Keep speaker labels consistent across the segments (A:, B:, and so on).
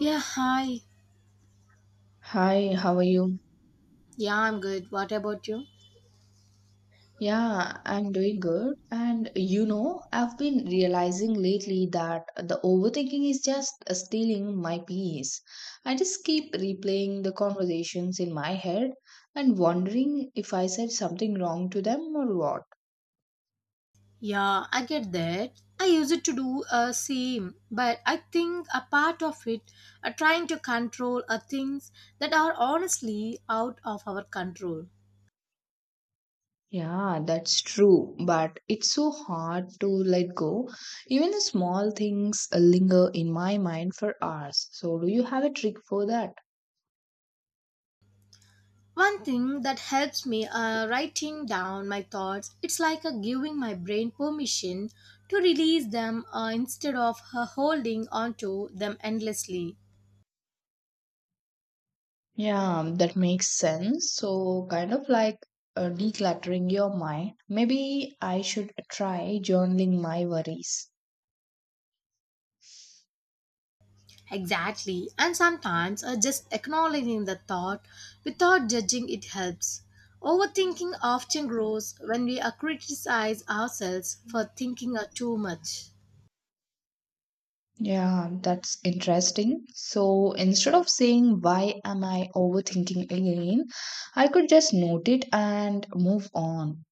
A: Yeah, hi.
B: Hi, how are you?
A: Yeah, I'm good. What about you?
B: Yeah, I'm doing good. And you know, I've been realizing lately that the overthinking is just stealing my peace. I just keep replaying the conversations in my head and wondering if I said something wrong to them or what.
A: Yeah, I get that. I use it to do a same, but I think a part of it are trying to control are things that are honestly out of our control.
B: Yeah, that's true, but it's so hard to let go. Even the small things linger in my mind for hours. So, do you have a trick for that?
A: One thing that helps me writing down my thoughts, it's like a giving my brain permission to release them instead of holding onto them endlessly.
B: Yeah, that makes sense. So, kind of like decluttering your mind. Maybe I should try journaling my worries.
A: Exactly. And sometimes just acknowledging the thought without judging it helps. Overthinking often grows when we criticize ourselves for thinking too much.
B: Yeah, that's interesting. So instead of saying, why am I overthinking again? I could just note it and move on.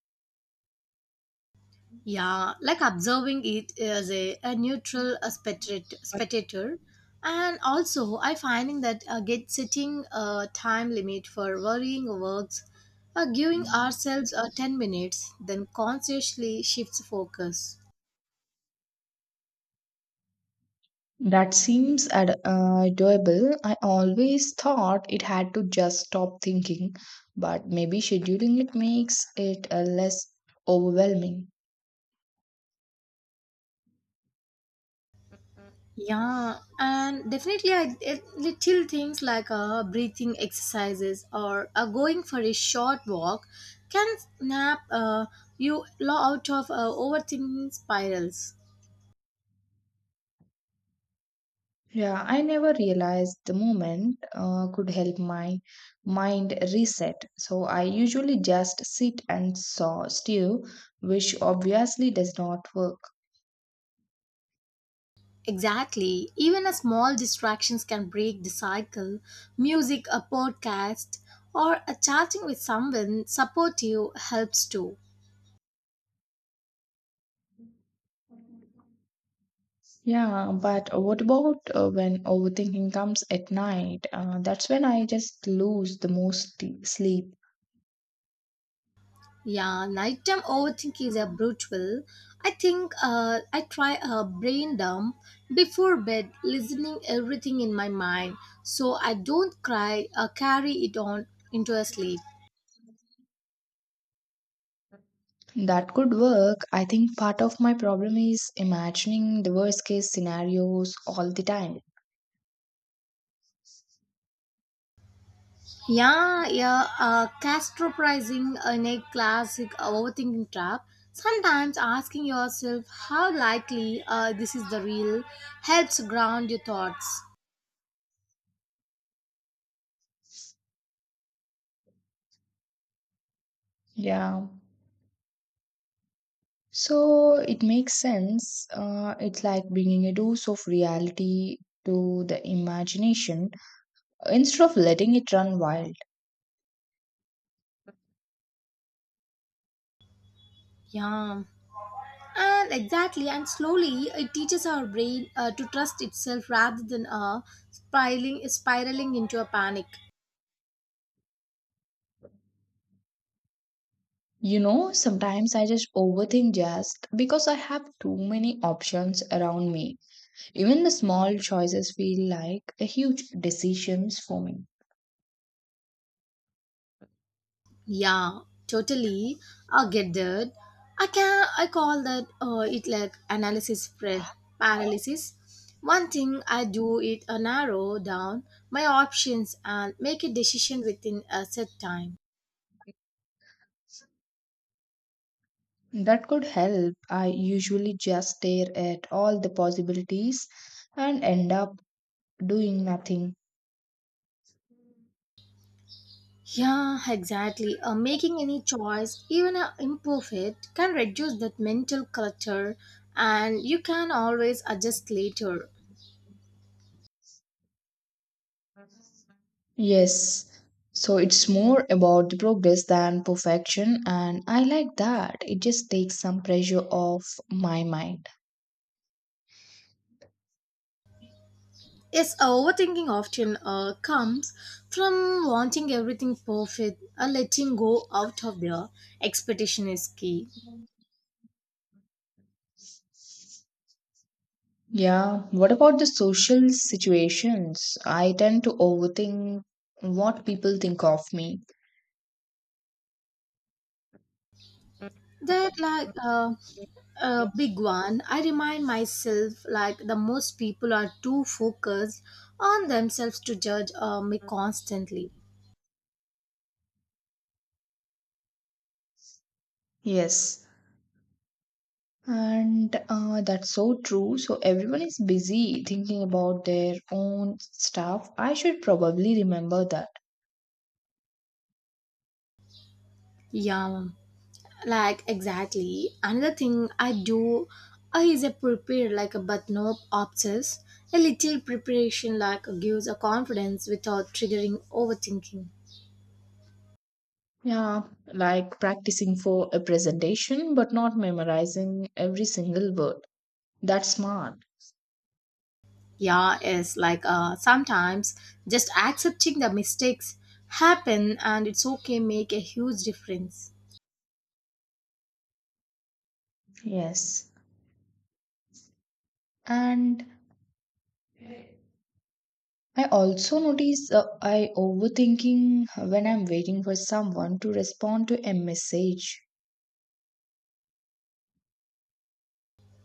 A: Yeah, like observing it as a neutral spectator. And also, I finding that get setting a time limit for worrying works, giving ourselves 10 minutes, then consciously shifts focus.
B: Doable. I always thought it had to just stop thinking, but maybe scheduling it makes it less overwhelming.
A: Yeah, and definitely, little things like breathing exercises or going for a short walk can snap out of overthinking spirals.
B: Yeah, I never realized the moment could help my mind reset. So I usually just sit and saw stew, which obviously does not work.
A: Exactly. Even a small distractions can break the cycle. Music, a podcast, or a chatting with someone supportive helps too.
B: Yeah, but what about when overthinking comes at night? That's when I just lose the most t- sleep.
A: Yeah, nighttime overthink is a brutal. I think I try a brain dump before bed, listening everything in my mind, so I don't cry carry it on into a sleep.
B: That could work. I think part of my problem is imagining the worst case scenarios all the time.
A: Yeah, yeah, catastrophizing in a classic overthinking trap. Sometimes asking yourself how likely this is the real helps ground your thoughts.
B: Yeah. So it makes sense. It's like bringing a dose of reality to the imagination instead of letting it run wild.
A: Yeah. And exactly, and slowly it teaches our brain to trust itself rather than spiraling into a panic.
B: You know, sometimes I just overthink just because I have too many options around me. Even the small choices feel like a huge decisions for me.
A: Yeah, totally. I get that. I call that it like analysis paralysis. One thing I do is narrow down my options and make a decision within a set time.
B: That could help. I usually just stare at all the possibilities and end up doing nothing.
A: Yeah, exactly. Making any choice, even a imperfect, can reduce that mental clutter and you can always adjust later.
B: Yes. So it's more about the progress than perfection, and I like that. It just takes some pressure off my mind.
A: Yes, overthinking often comes from wanting everything perfect or letting go out of their expectation is key.
B: Yeah. What about the social situations? I tend to overthink what people think of me.
A: That like a big one. I remind myself like the most people are too focused on themselves to judge me constantly.
B: Yes. And that's so true. So everyone is busy thinking about their own stuff. I should probably remember that.
A: Yeah, like exactly another thing I do is a prepare like a but no obsess a little preparation like gives a confidence without triggering overthinking.
B: Yeah, like practicing for a presentation but not memorizing every single word. That's smart.
A: Yeah, is like sometimes just accepting the mistakes happen and it's okay make a huge difference.
B: Yes. And I also notice I overthinking when I'm waiting for someone to respond to a message.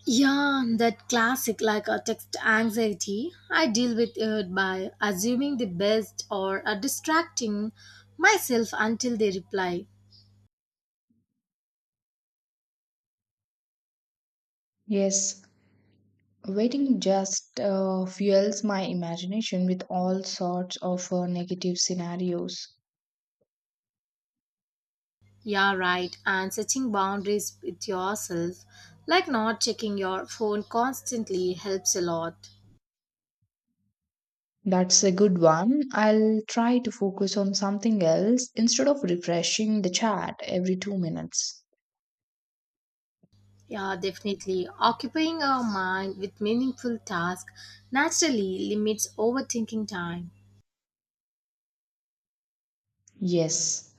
A: Yeah, that classic like a text anxiety. I deal with it by assuming the best or distracting myself until they reply.
B: Yes, waiting just fuels my imagination with all sorts of negative scenarios.
A: Yeah, right. And setting boundaries with yourself, like not checking your phone constantly, helps a lot.
B: That's a good one. I'll try to focus on something else instead of refreshing the chat every 2 minutes.
A: Yeah, definitely. Occupying our mind with meaningful tasks naturally limits overthinking time.
B: Yes.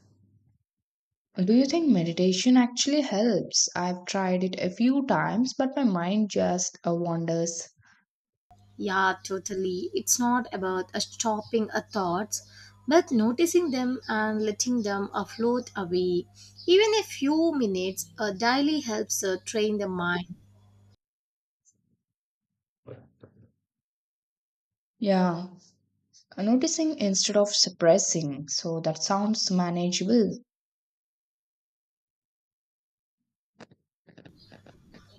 B: Do you think meditation actually helps? I've tried it a few times, but my mind just wanders.
A: Yeah, totally. It's not about stopping our thoughts, but noticing them and letting them float away. Even a few minutes daily helps train the mind.
B: Yeah, noticing instead of suppressing. So that sounds manageable.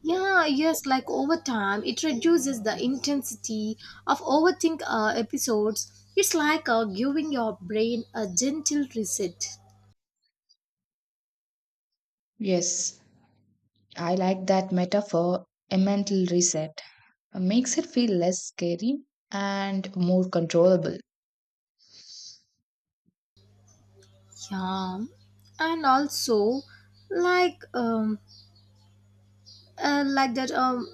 A: Yeah, yes, like over time, it reduces the intensity of overthink episodes. It's like giving your brain a gentle reset.
B: Yes, I like that metaphor, a mental reset. Makes it feel less scary and more controllable.
A: Yeah, and also, like, um, like that,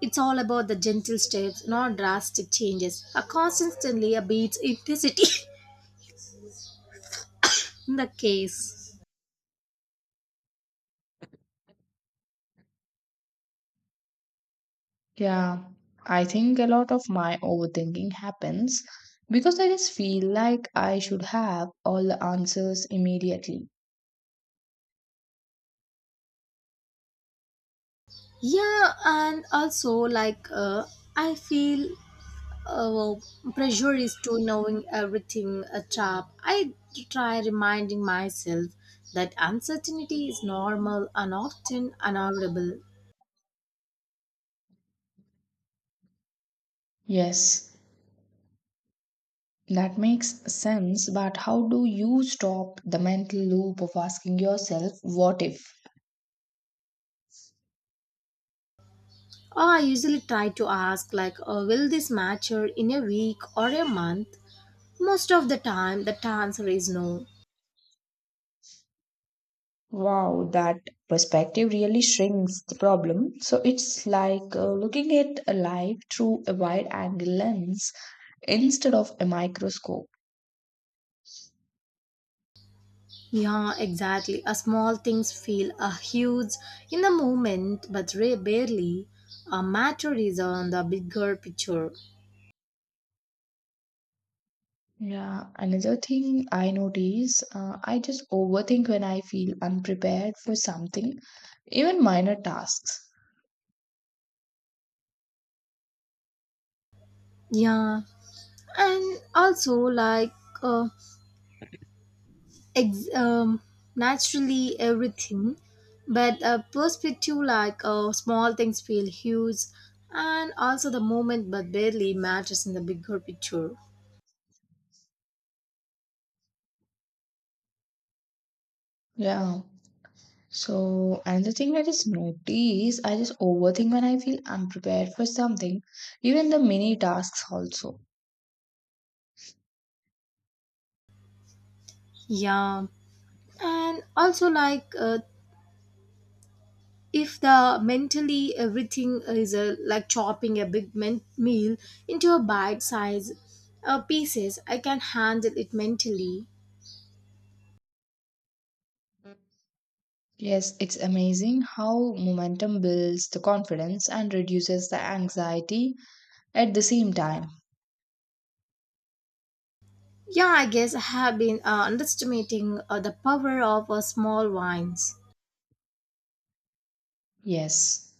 A: it's all about the gentle steps, not drastic changes. A constantly a beats intensity in the case.
B: Yeah, I think a lot of my overthinking happens because I just feel like I should have all the answers immediately.
A: Yeah, and also, like, I feel. Oh, pressure is to knowing everything a trap. I try reminding myself that uncertainty is normal and often unavoidable.
B: Yes, that makes sense, but how do you stop the mental loop of asking yourself, what if?
A: Or I usually try to ask like, oh, will this mature in a week or a month? Most of the time, the answer is no.
B: Wow, that perspective really shrinks the problem. So it's like looking at a life through a wide angle lens instead of a microscope.
A: Yeah, exactly. A small things feel a huge in the moment, but barely a matter is on the bigger picture.
B: Yeah, another thing I notice, I just overthink when I feel unprepared for something, even minor tasks.
A: Yeah, and also like uh, ex- um, naturally everything but a perspective like small things feel huge and also the moment but barely matters in the bigger picture.
B: Yeah. So another thing I just notice, I just overthink when I feel unprepared for something, even the mini tasks also.
A: Yeah, and also like if the mentally everything is like chopping a big meal into a bite size pieces I can handle it mentally.
B: Yes, it's amazing how momentum builds the confidence and reduces the anxiety at the same time.
A: Yeah, I guess I have been underestimating the power of small wines.
B: Yes.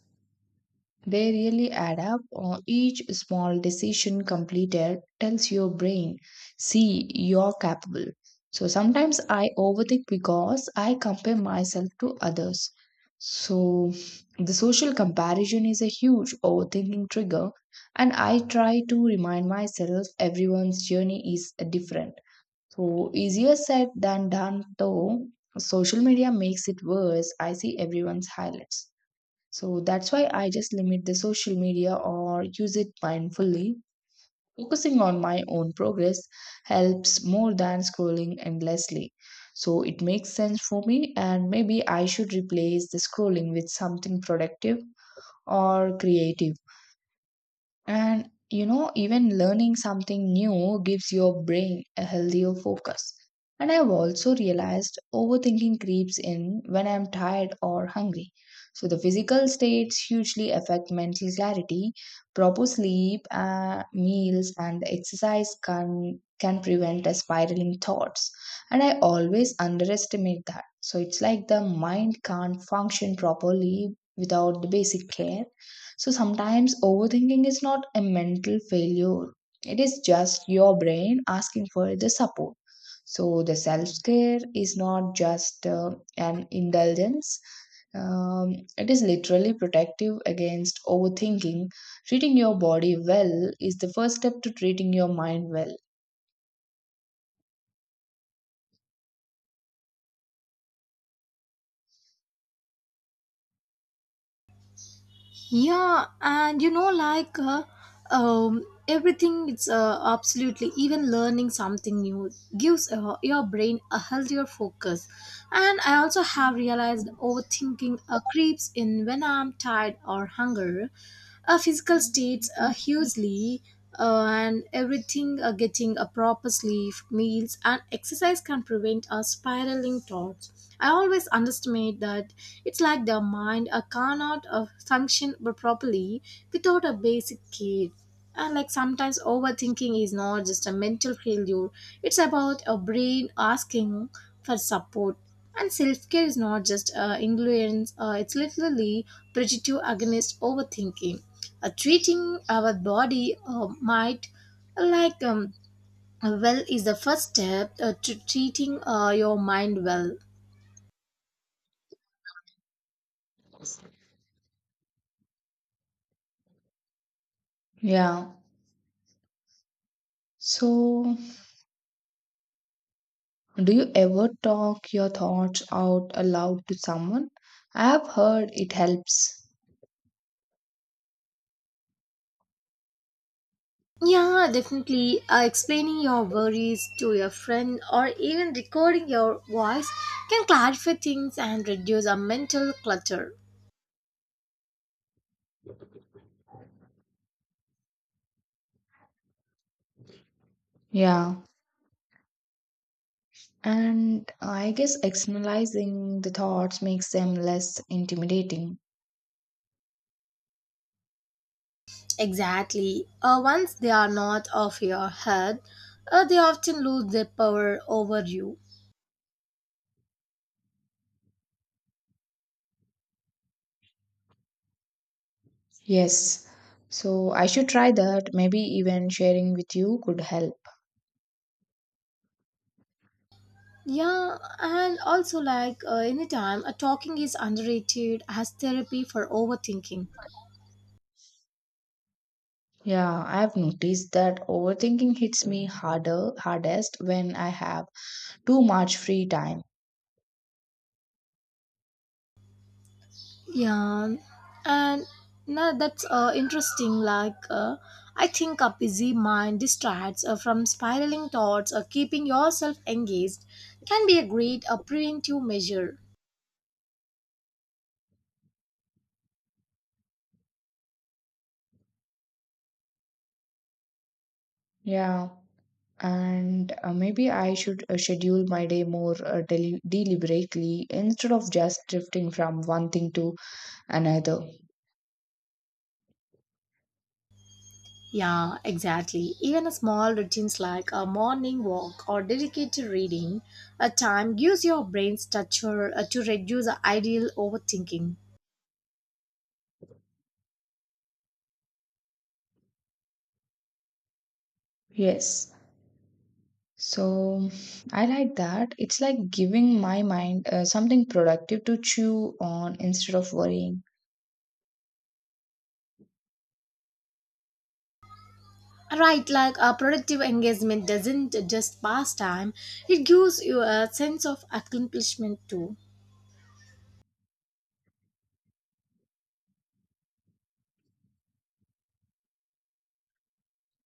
B: They really add up. Each small decision completed tells your brain, see, you're capable. So sometimes I overthink because I compare myself to others. So the social comparison is a huge overthinking trigger, and I try to remind myself everyone's journey is different. So easier said than done, though. Social media makes it worse. I see everyone's highlights. So that's why I just limit the social media or use it mindfully. Focusing on my own progress helps more than scrolling endlessly. So it makes sense for me, and maybe I should replace the scrolling with something productive or creative. And you know, even learning something new gives your brain a healthier focus. And I've also realized overthinking creeps in when I'm tired or hungry. So the physical states hugely affect mental clarity. Proper sleep, meals, and exercise can prevent a spiraling thoughts. And I always underestimate that. So it's like the mind can't function properly without the basic care, so sometimes overthinking is not a mental failure, it is just your brain asking for the support. So the self care is not just an indulgence. It is literally protective against overthinking. Treating your body well is the first step to treating your mind well.
A: Yeah, and like um, everything, it's absolutely even learning something new gives your brain a healthier focus. And I also have realized overthinking creeps in when I'm tired or hungry. Our physical states are hugely and everything getting a proper sleep, meals, and exercise can prevent our spiraling thoughts. I always underestimate that it's like the mind cannot function properly without a basic care. And like sometimes overthinking is not just a mental failure, it's about a brain asking for support. And self care is not just ignorance, it's literally protective against overthinking. Treating our body might, like well, is the first step to treating your mind well.
B: Yeah. So, do you ever talk your thoughts out aloud to someone? I have heard it helps.
A: Yeah, definitely. Explaining your worries to your friend or even recording your voice can clarify things and reduce our mental clutter.
B: Yeah. And I guess externalizing the thoughts makes them less intimidating.
A: Exactly. Once they are not off your head, they often lose their power over you.
B: Yes. So I should try that. Maybe even sharing with you could help.
A: Yeah, and also, like anytime, talking is underrated as therapy for overthinking.
B: Yeah, I've noticed that overthinking hits me harder, hardest when I have too much free time.
A: Yeah, and no, that's interesting. Like, I think a busy mind distracts from spiraling thoughts or keeping yourself engaged can be a great preventive measure.
B: Yeah. And maybe I should schedule my day more deliberately instead of just drifting from one thing to another.
A: Yeah, exactly. Even a small routines like a morning walk or dedicated reading a time gives your brain structure to reduce the ideal overthinking.
B: Yes. So I like that. It's like giving my mind something productive to chew on instead of worrying.
A: Right, like a productive engagement doesn't just pass time, it gives you a sense of accomplishment too.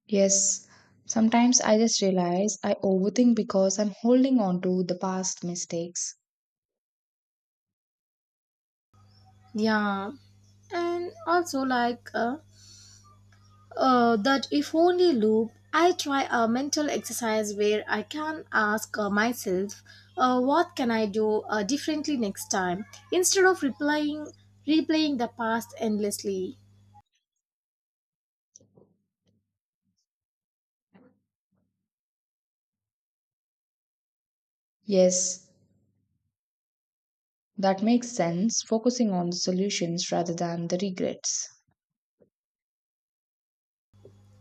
B: Yes, sometimes I just realize I overthink because I'm holding on to the past mistakes.
A: Yeah, and also like that if only loop, I try a mental exercise where I can ask myself, what can I do differently next time, instead of replaying the past endlessly.
B: Yes, that makes sense, focusing on the solutions rather than the regrets.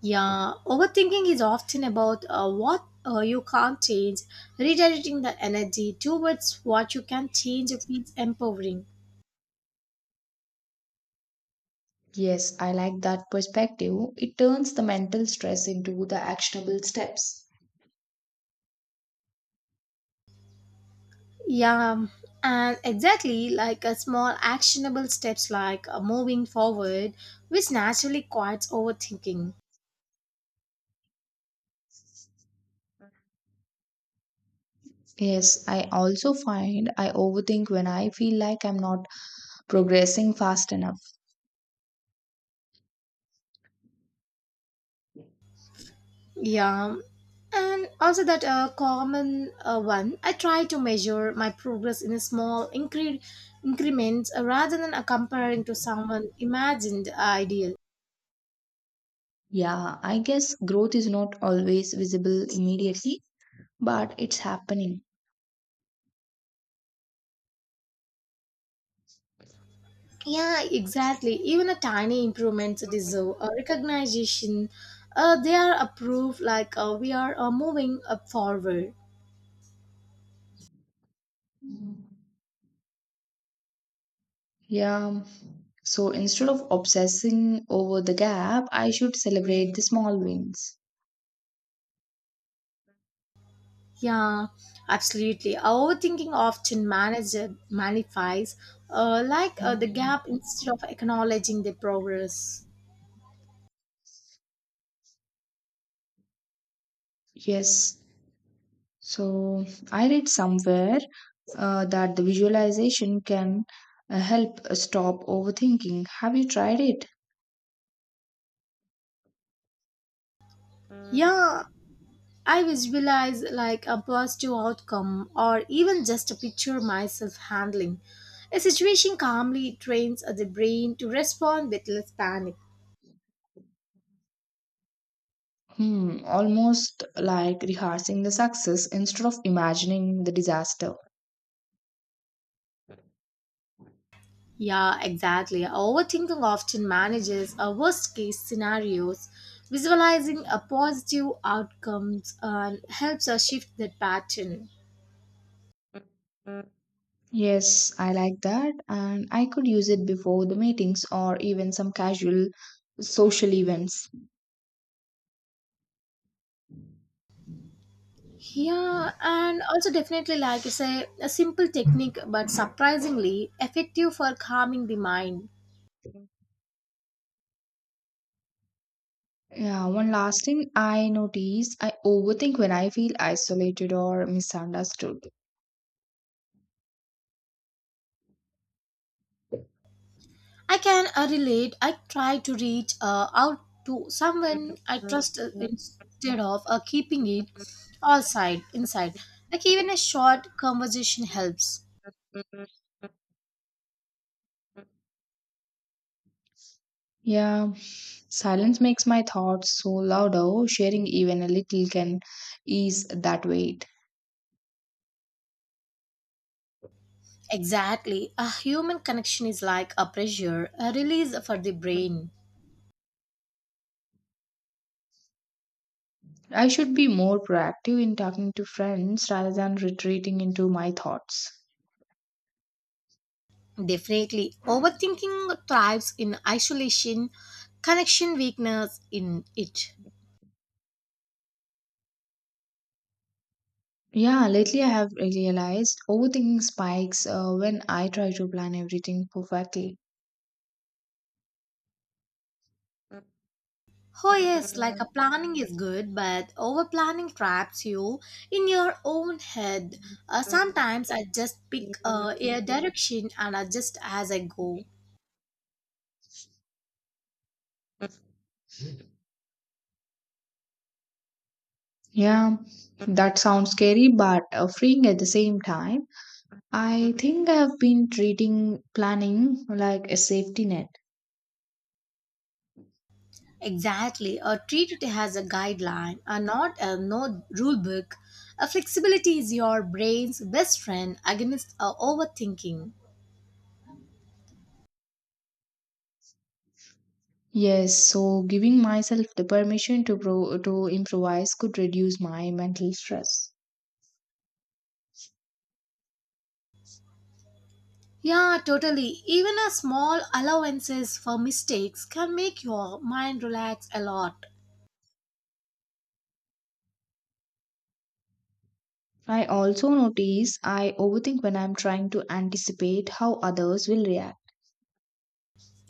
A: Yeah, overthinking is often about what you can't change. Redirecting the energy towards what you can change feels empowering.
B: Yes, I like that perspective. It turns the mental stress into the actionable steps.
A: Yeah, and exactly like a small actionable steps like moving forward, which naturally quiets overthinking.
B: Yes, I also find I overthink when I feel like I'm not progressing fast enough.
A: Yeah, and also that common one, I try to measure my progress in a small increments rather than comparing to someone imagined ideal.
B: Yeah, I guess growth is not always visible immediately, but it's happening.
A: Yeah, exactly. Even a tiny improvements deserve a recognition. They are approved like we are moving up forward.
B: Yeah. So instead of obsessing over the gap, I should celebrate the small wins.
A: Yeah, absolutely. Overthinking often manager magnifies like the gap instead of acknowledging the progress.
B: Yes. So I read somewhere that the visualization can help stop overthinking. Have you tried it?
A: Yeah, I visualize like a positive outcome or even just a picture myself handling. A situation calmly trains the brain to respond with less panic.
B: Hmm, almost like rehearsing the success instead of imagining the disaster.
A: Yeah, exactly. Overthinking often manages a worst case scenarios. Visualizing a positive outcomes and helps us shift that pattern.
B: Yes, I like that, and I could use it before the meetings or even some casual social events.
A: Yeah, and also definitely like it's say, a simple technique but surprisingly effective for calming the mind.
B: Yeah, one last thing I notice I overthink when I feel isolated or misunderstood.
A: I can relate. I try to reach out to someone I trust instead of keeping it all side inside. Like even a short conversation helps.
B: Yeah, silence makes my thoughts so louder, sharing even a little can ease that weight.
A: Exactly. A human connection is like a pressure, a release for the brain.
B: I should be more proactive in talking to friends rather than retreating into my thoughts.
A: Definitely. Overthinking thrives in isolation, connection weakness in it.
B: Yeah, lately I have really realized overthinking spikes when I try to plan everything perfectly.
A: Oh, yes, like a planning is good, but over planning traps you in your own head. Sometimes I just pick a direction and adjust as I go.
B: Yeah, that sounds scary but freeing at the same time. I think I have been treating planning like a safety net.
A: Exactly, or treat it as a guideline, or not a no rule book. A flexibility is your brain's best friend against overthinking.
B: Yes, so giving myself the permission to improvise could reduce my mental stress.
A: Yeah, totally. Even a small allowances for mistakes can make your mind relax a lot.
B: I also notice I overthink when I'm trying to anticipate how others will react.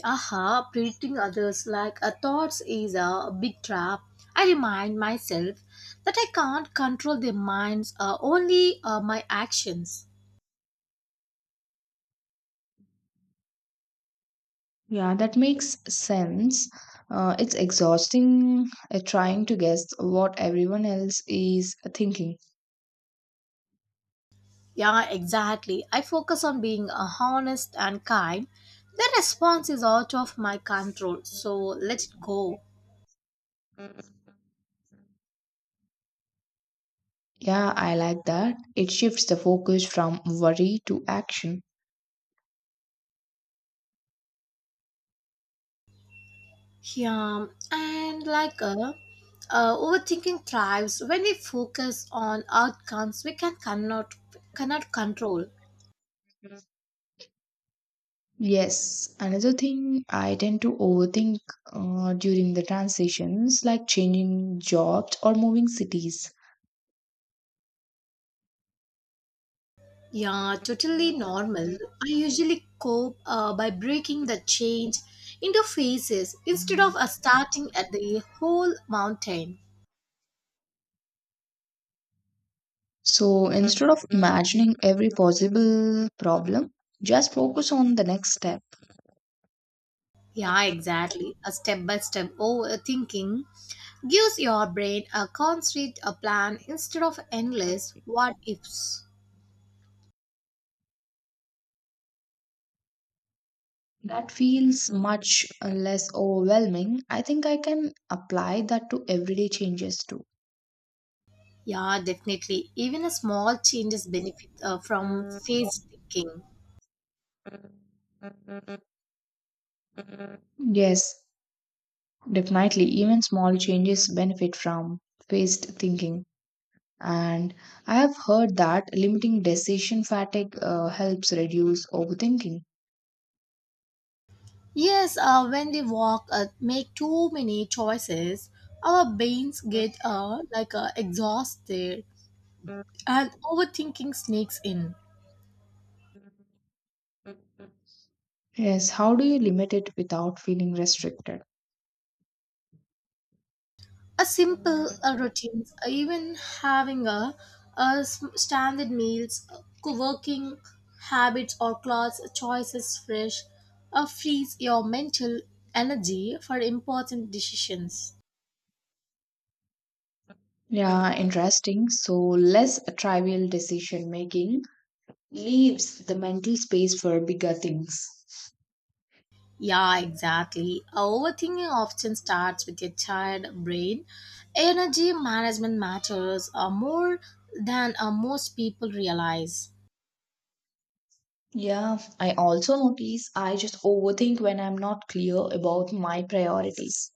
A: Aha, treating others like a thoughts is a big trap. I remind myself that I can't control their minds, only my actions.
B: Yeah, that makes sense. It's exhausting trying to guess what everyone else is thinking.
A: Yeah, exactly. I focus on being honest and kind. The response is out of my control, so let it go.
B: Yeah, I like that. It shifts the focus from worry to action.
A: Yeah, and like overthinking thrives when we focus on outcomes we cannot control.
B: Yes, another thing I tend to overthink during the transitions, like changing jobs or moving cities.
A: Yeah, totally normal. I usually cope by breaking the change into phases instead of starting at the whole mountain.
B: So instead of imagining every possible problem, just focus on the next step.
A: Yeah, exactly. A step by step overthinking gives your brain a concrete a plan instead of endless what ifs.
B: That feels much less overwhelming. I think I can apply that to everyday changes too.
A: Yeah, definitely. Even a small changes benefit from phased thinking.
B: Yes, definitely. Even small changes benefit from phased thinking. And I have heard that limiting decision fatigue helps reduce overthinking.
A: Yes, when we walk, make too many choices, our brains get like exhausted and overthinking sneaks in.
B: Yes, how do you limit it without feeling restricted?
A: A simple routines even having a standard meals working habits or clothes choices fresh frees your mental energy for important decisions.
B: Yeah, interesting. So, less trivial decision making leaves the mental space for bigger things.
A: Yeah, exactly, overthinking often starts with your tired brain energy management matters more than most people realize.
B: Yeah, I also notice I just overthink when I'm not clear about my priorities.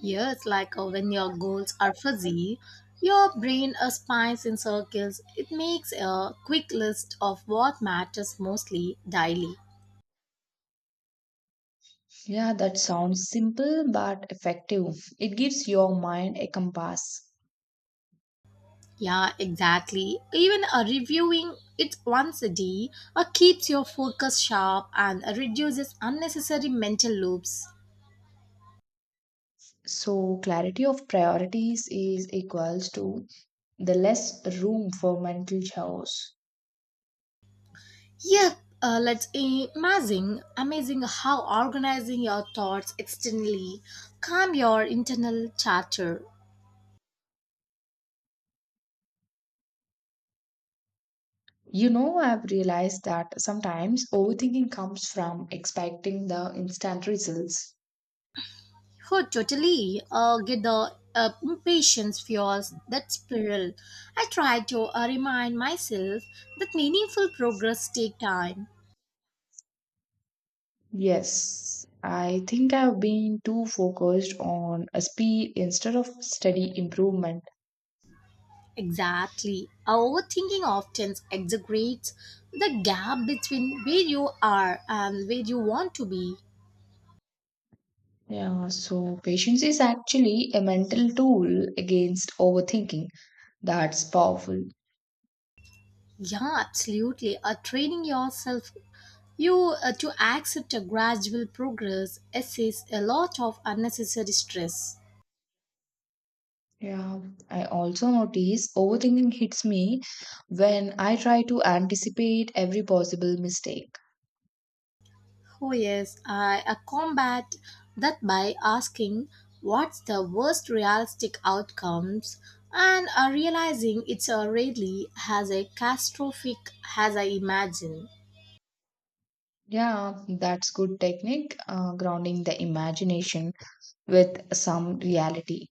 A: Yeah, it's like when your goals are fuzzy, your brain spins in circles. It makes a quick list of what matters mostly daily.
B: Yeah, that sounds simple but effective. It gives your mind a compass.
A: Yeah, exactly. Even reviewing it once a day keeps your focus sharp and reduces unnecessary mental loops.
B: So, clarity of priorities is equals to the less room for mental chaos.
A: Yeah, let's imagine amazing how organizing your thoughts externally calm your internal chatter.
B: You know, I've realized that sometimes overthinking comes from expecting the instant results.
A: Oh, totally. Get the impatience fuels that spiral. I try to remind myself that meaningful progress take time.
B: Yes, I think I've been too focused on a speed instead of steady improvement.
A: Exactly. Overthinking often exaggerates the gap between where you are and where you want to be.
B: Yeah, so patience is actually a mental tool against overthinking. That's powerful.
A: Yeah, absolutely. Training yourself you to accept a gradual progress essays a lot of unnecessary stress.
B: Yeah, I also notice overthinking hits me when I try to anticipate every possible mistake.
A: Oh, yes, I combat that by asking what's the worst realistic outcomes and realizing it's really as a catastrophic as I imagine.
B: Yeah, that's good technique, grounding the imagination with some reality.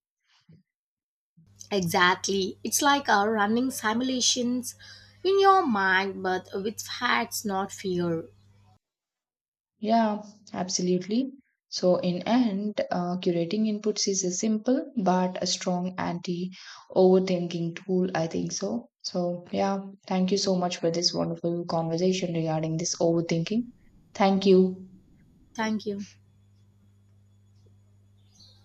A: Exactly. It's like running simulations in your mind but with facts, not fear.
B: Yeah, absolutely. So in end, curating inputs is a simple but a strong anti-overthinking tool, I think so. So yeah, thank you so much for this wonderful conversation regarding this overthinking. Thank you.
A: Thank you.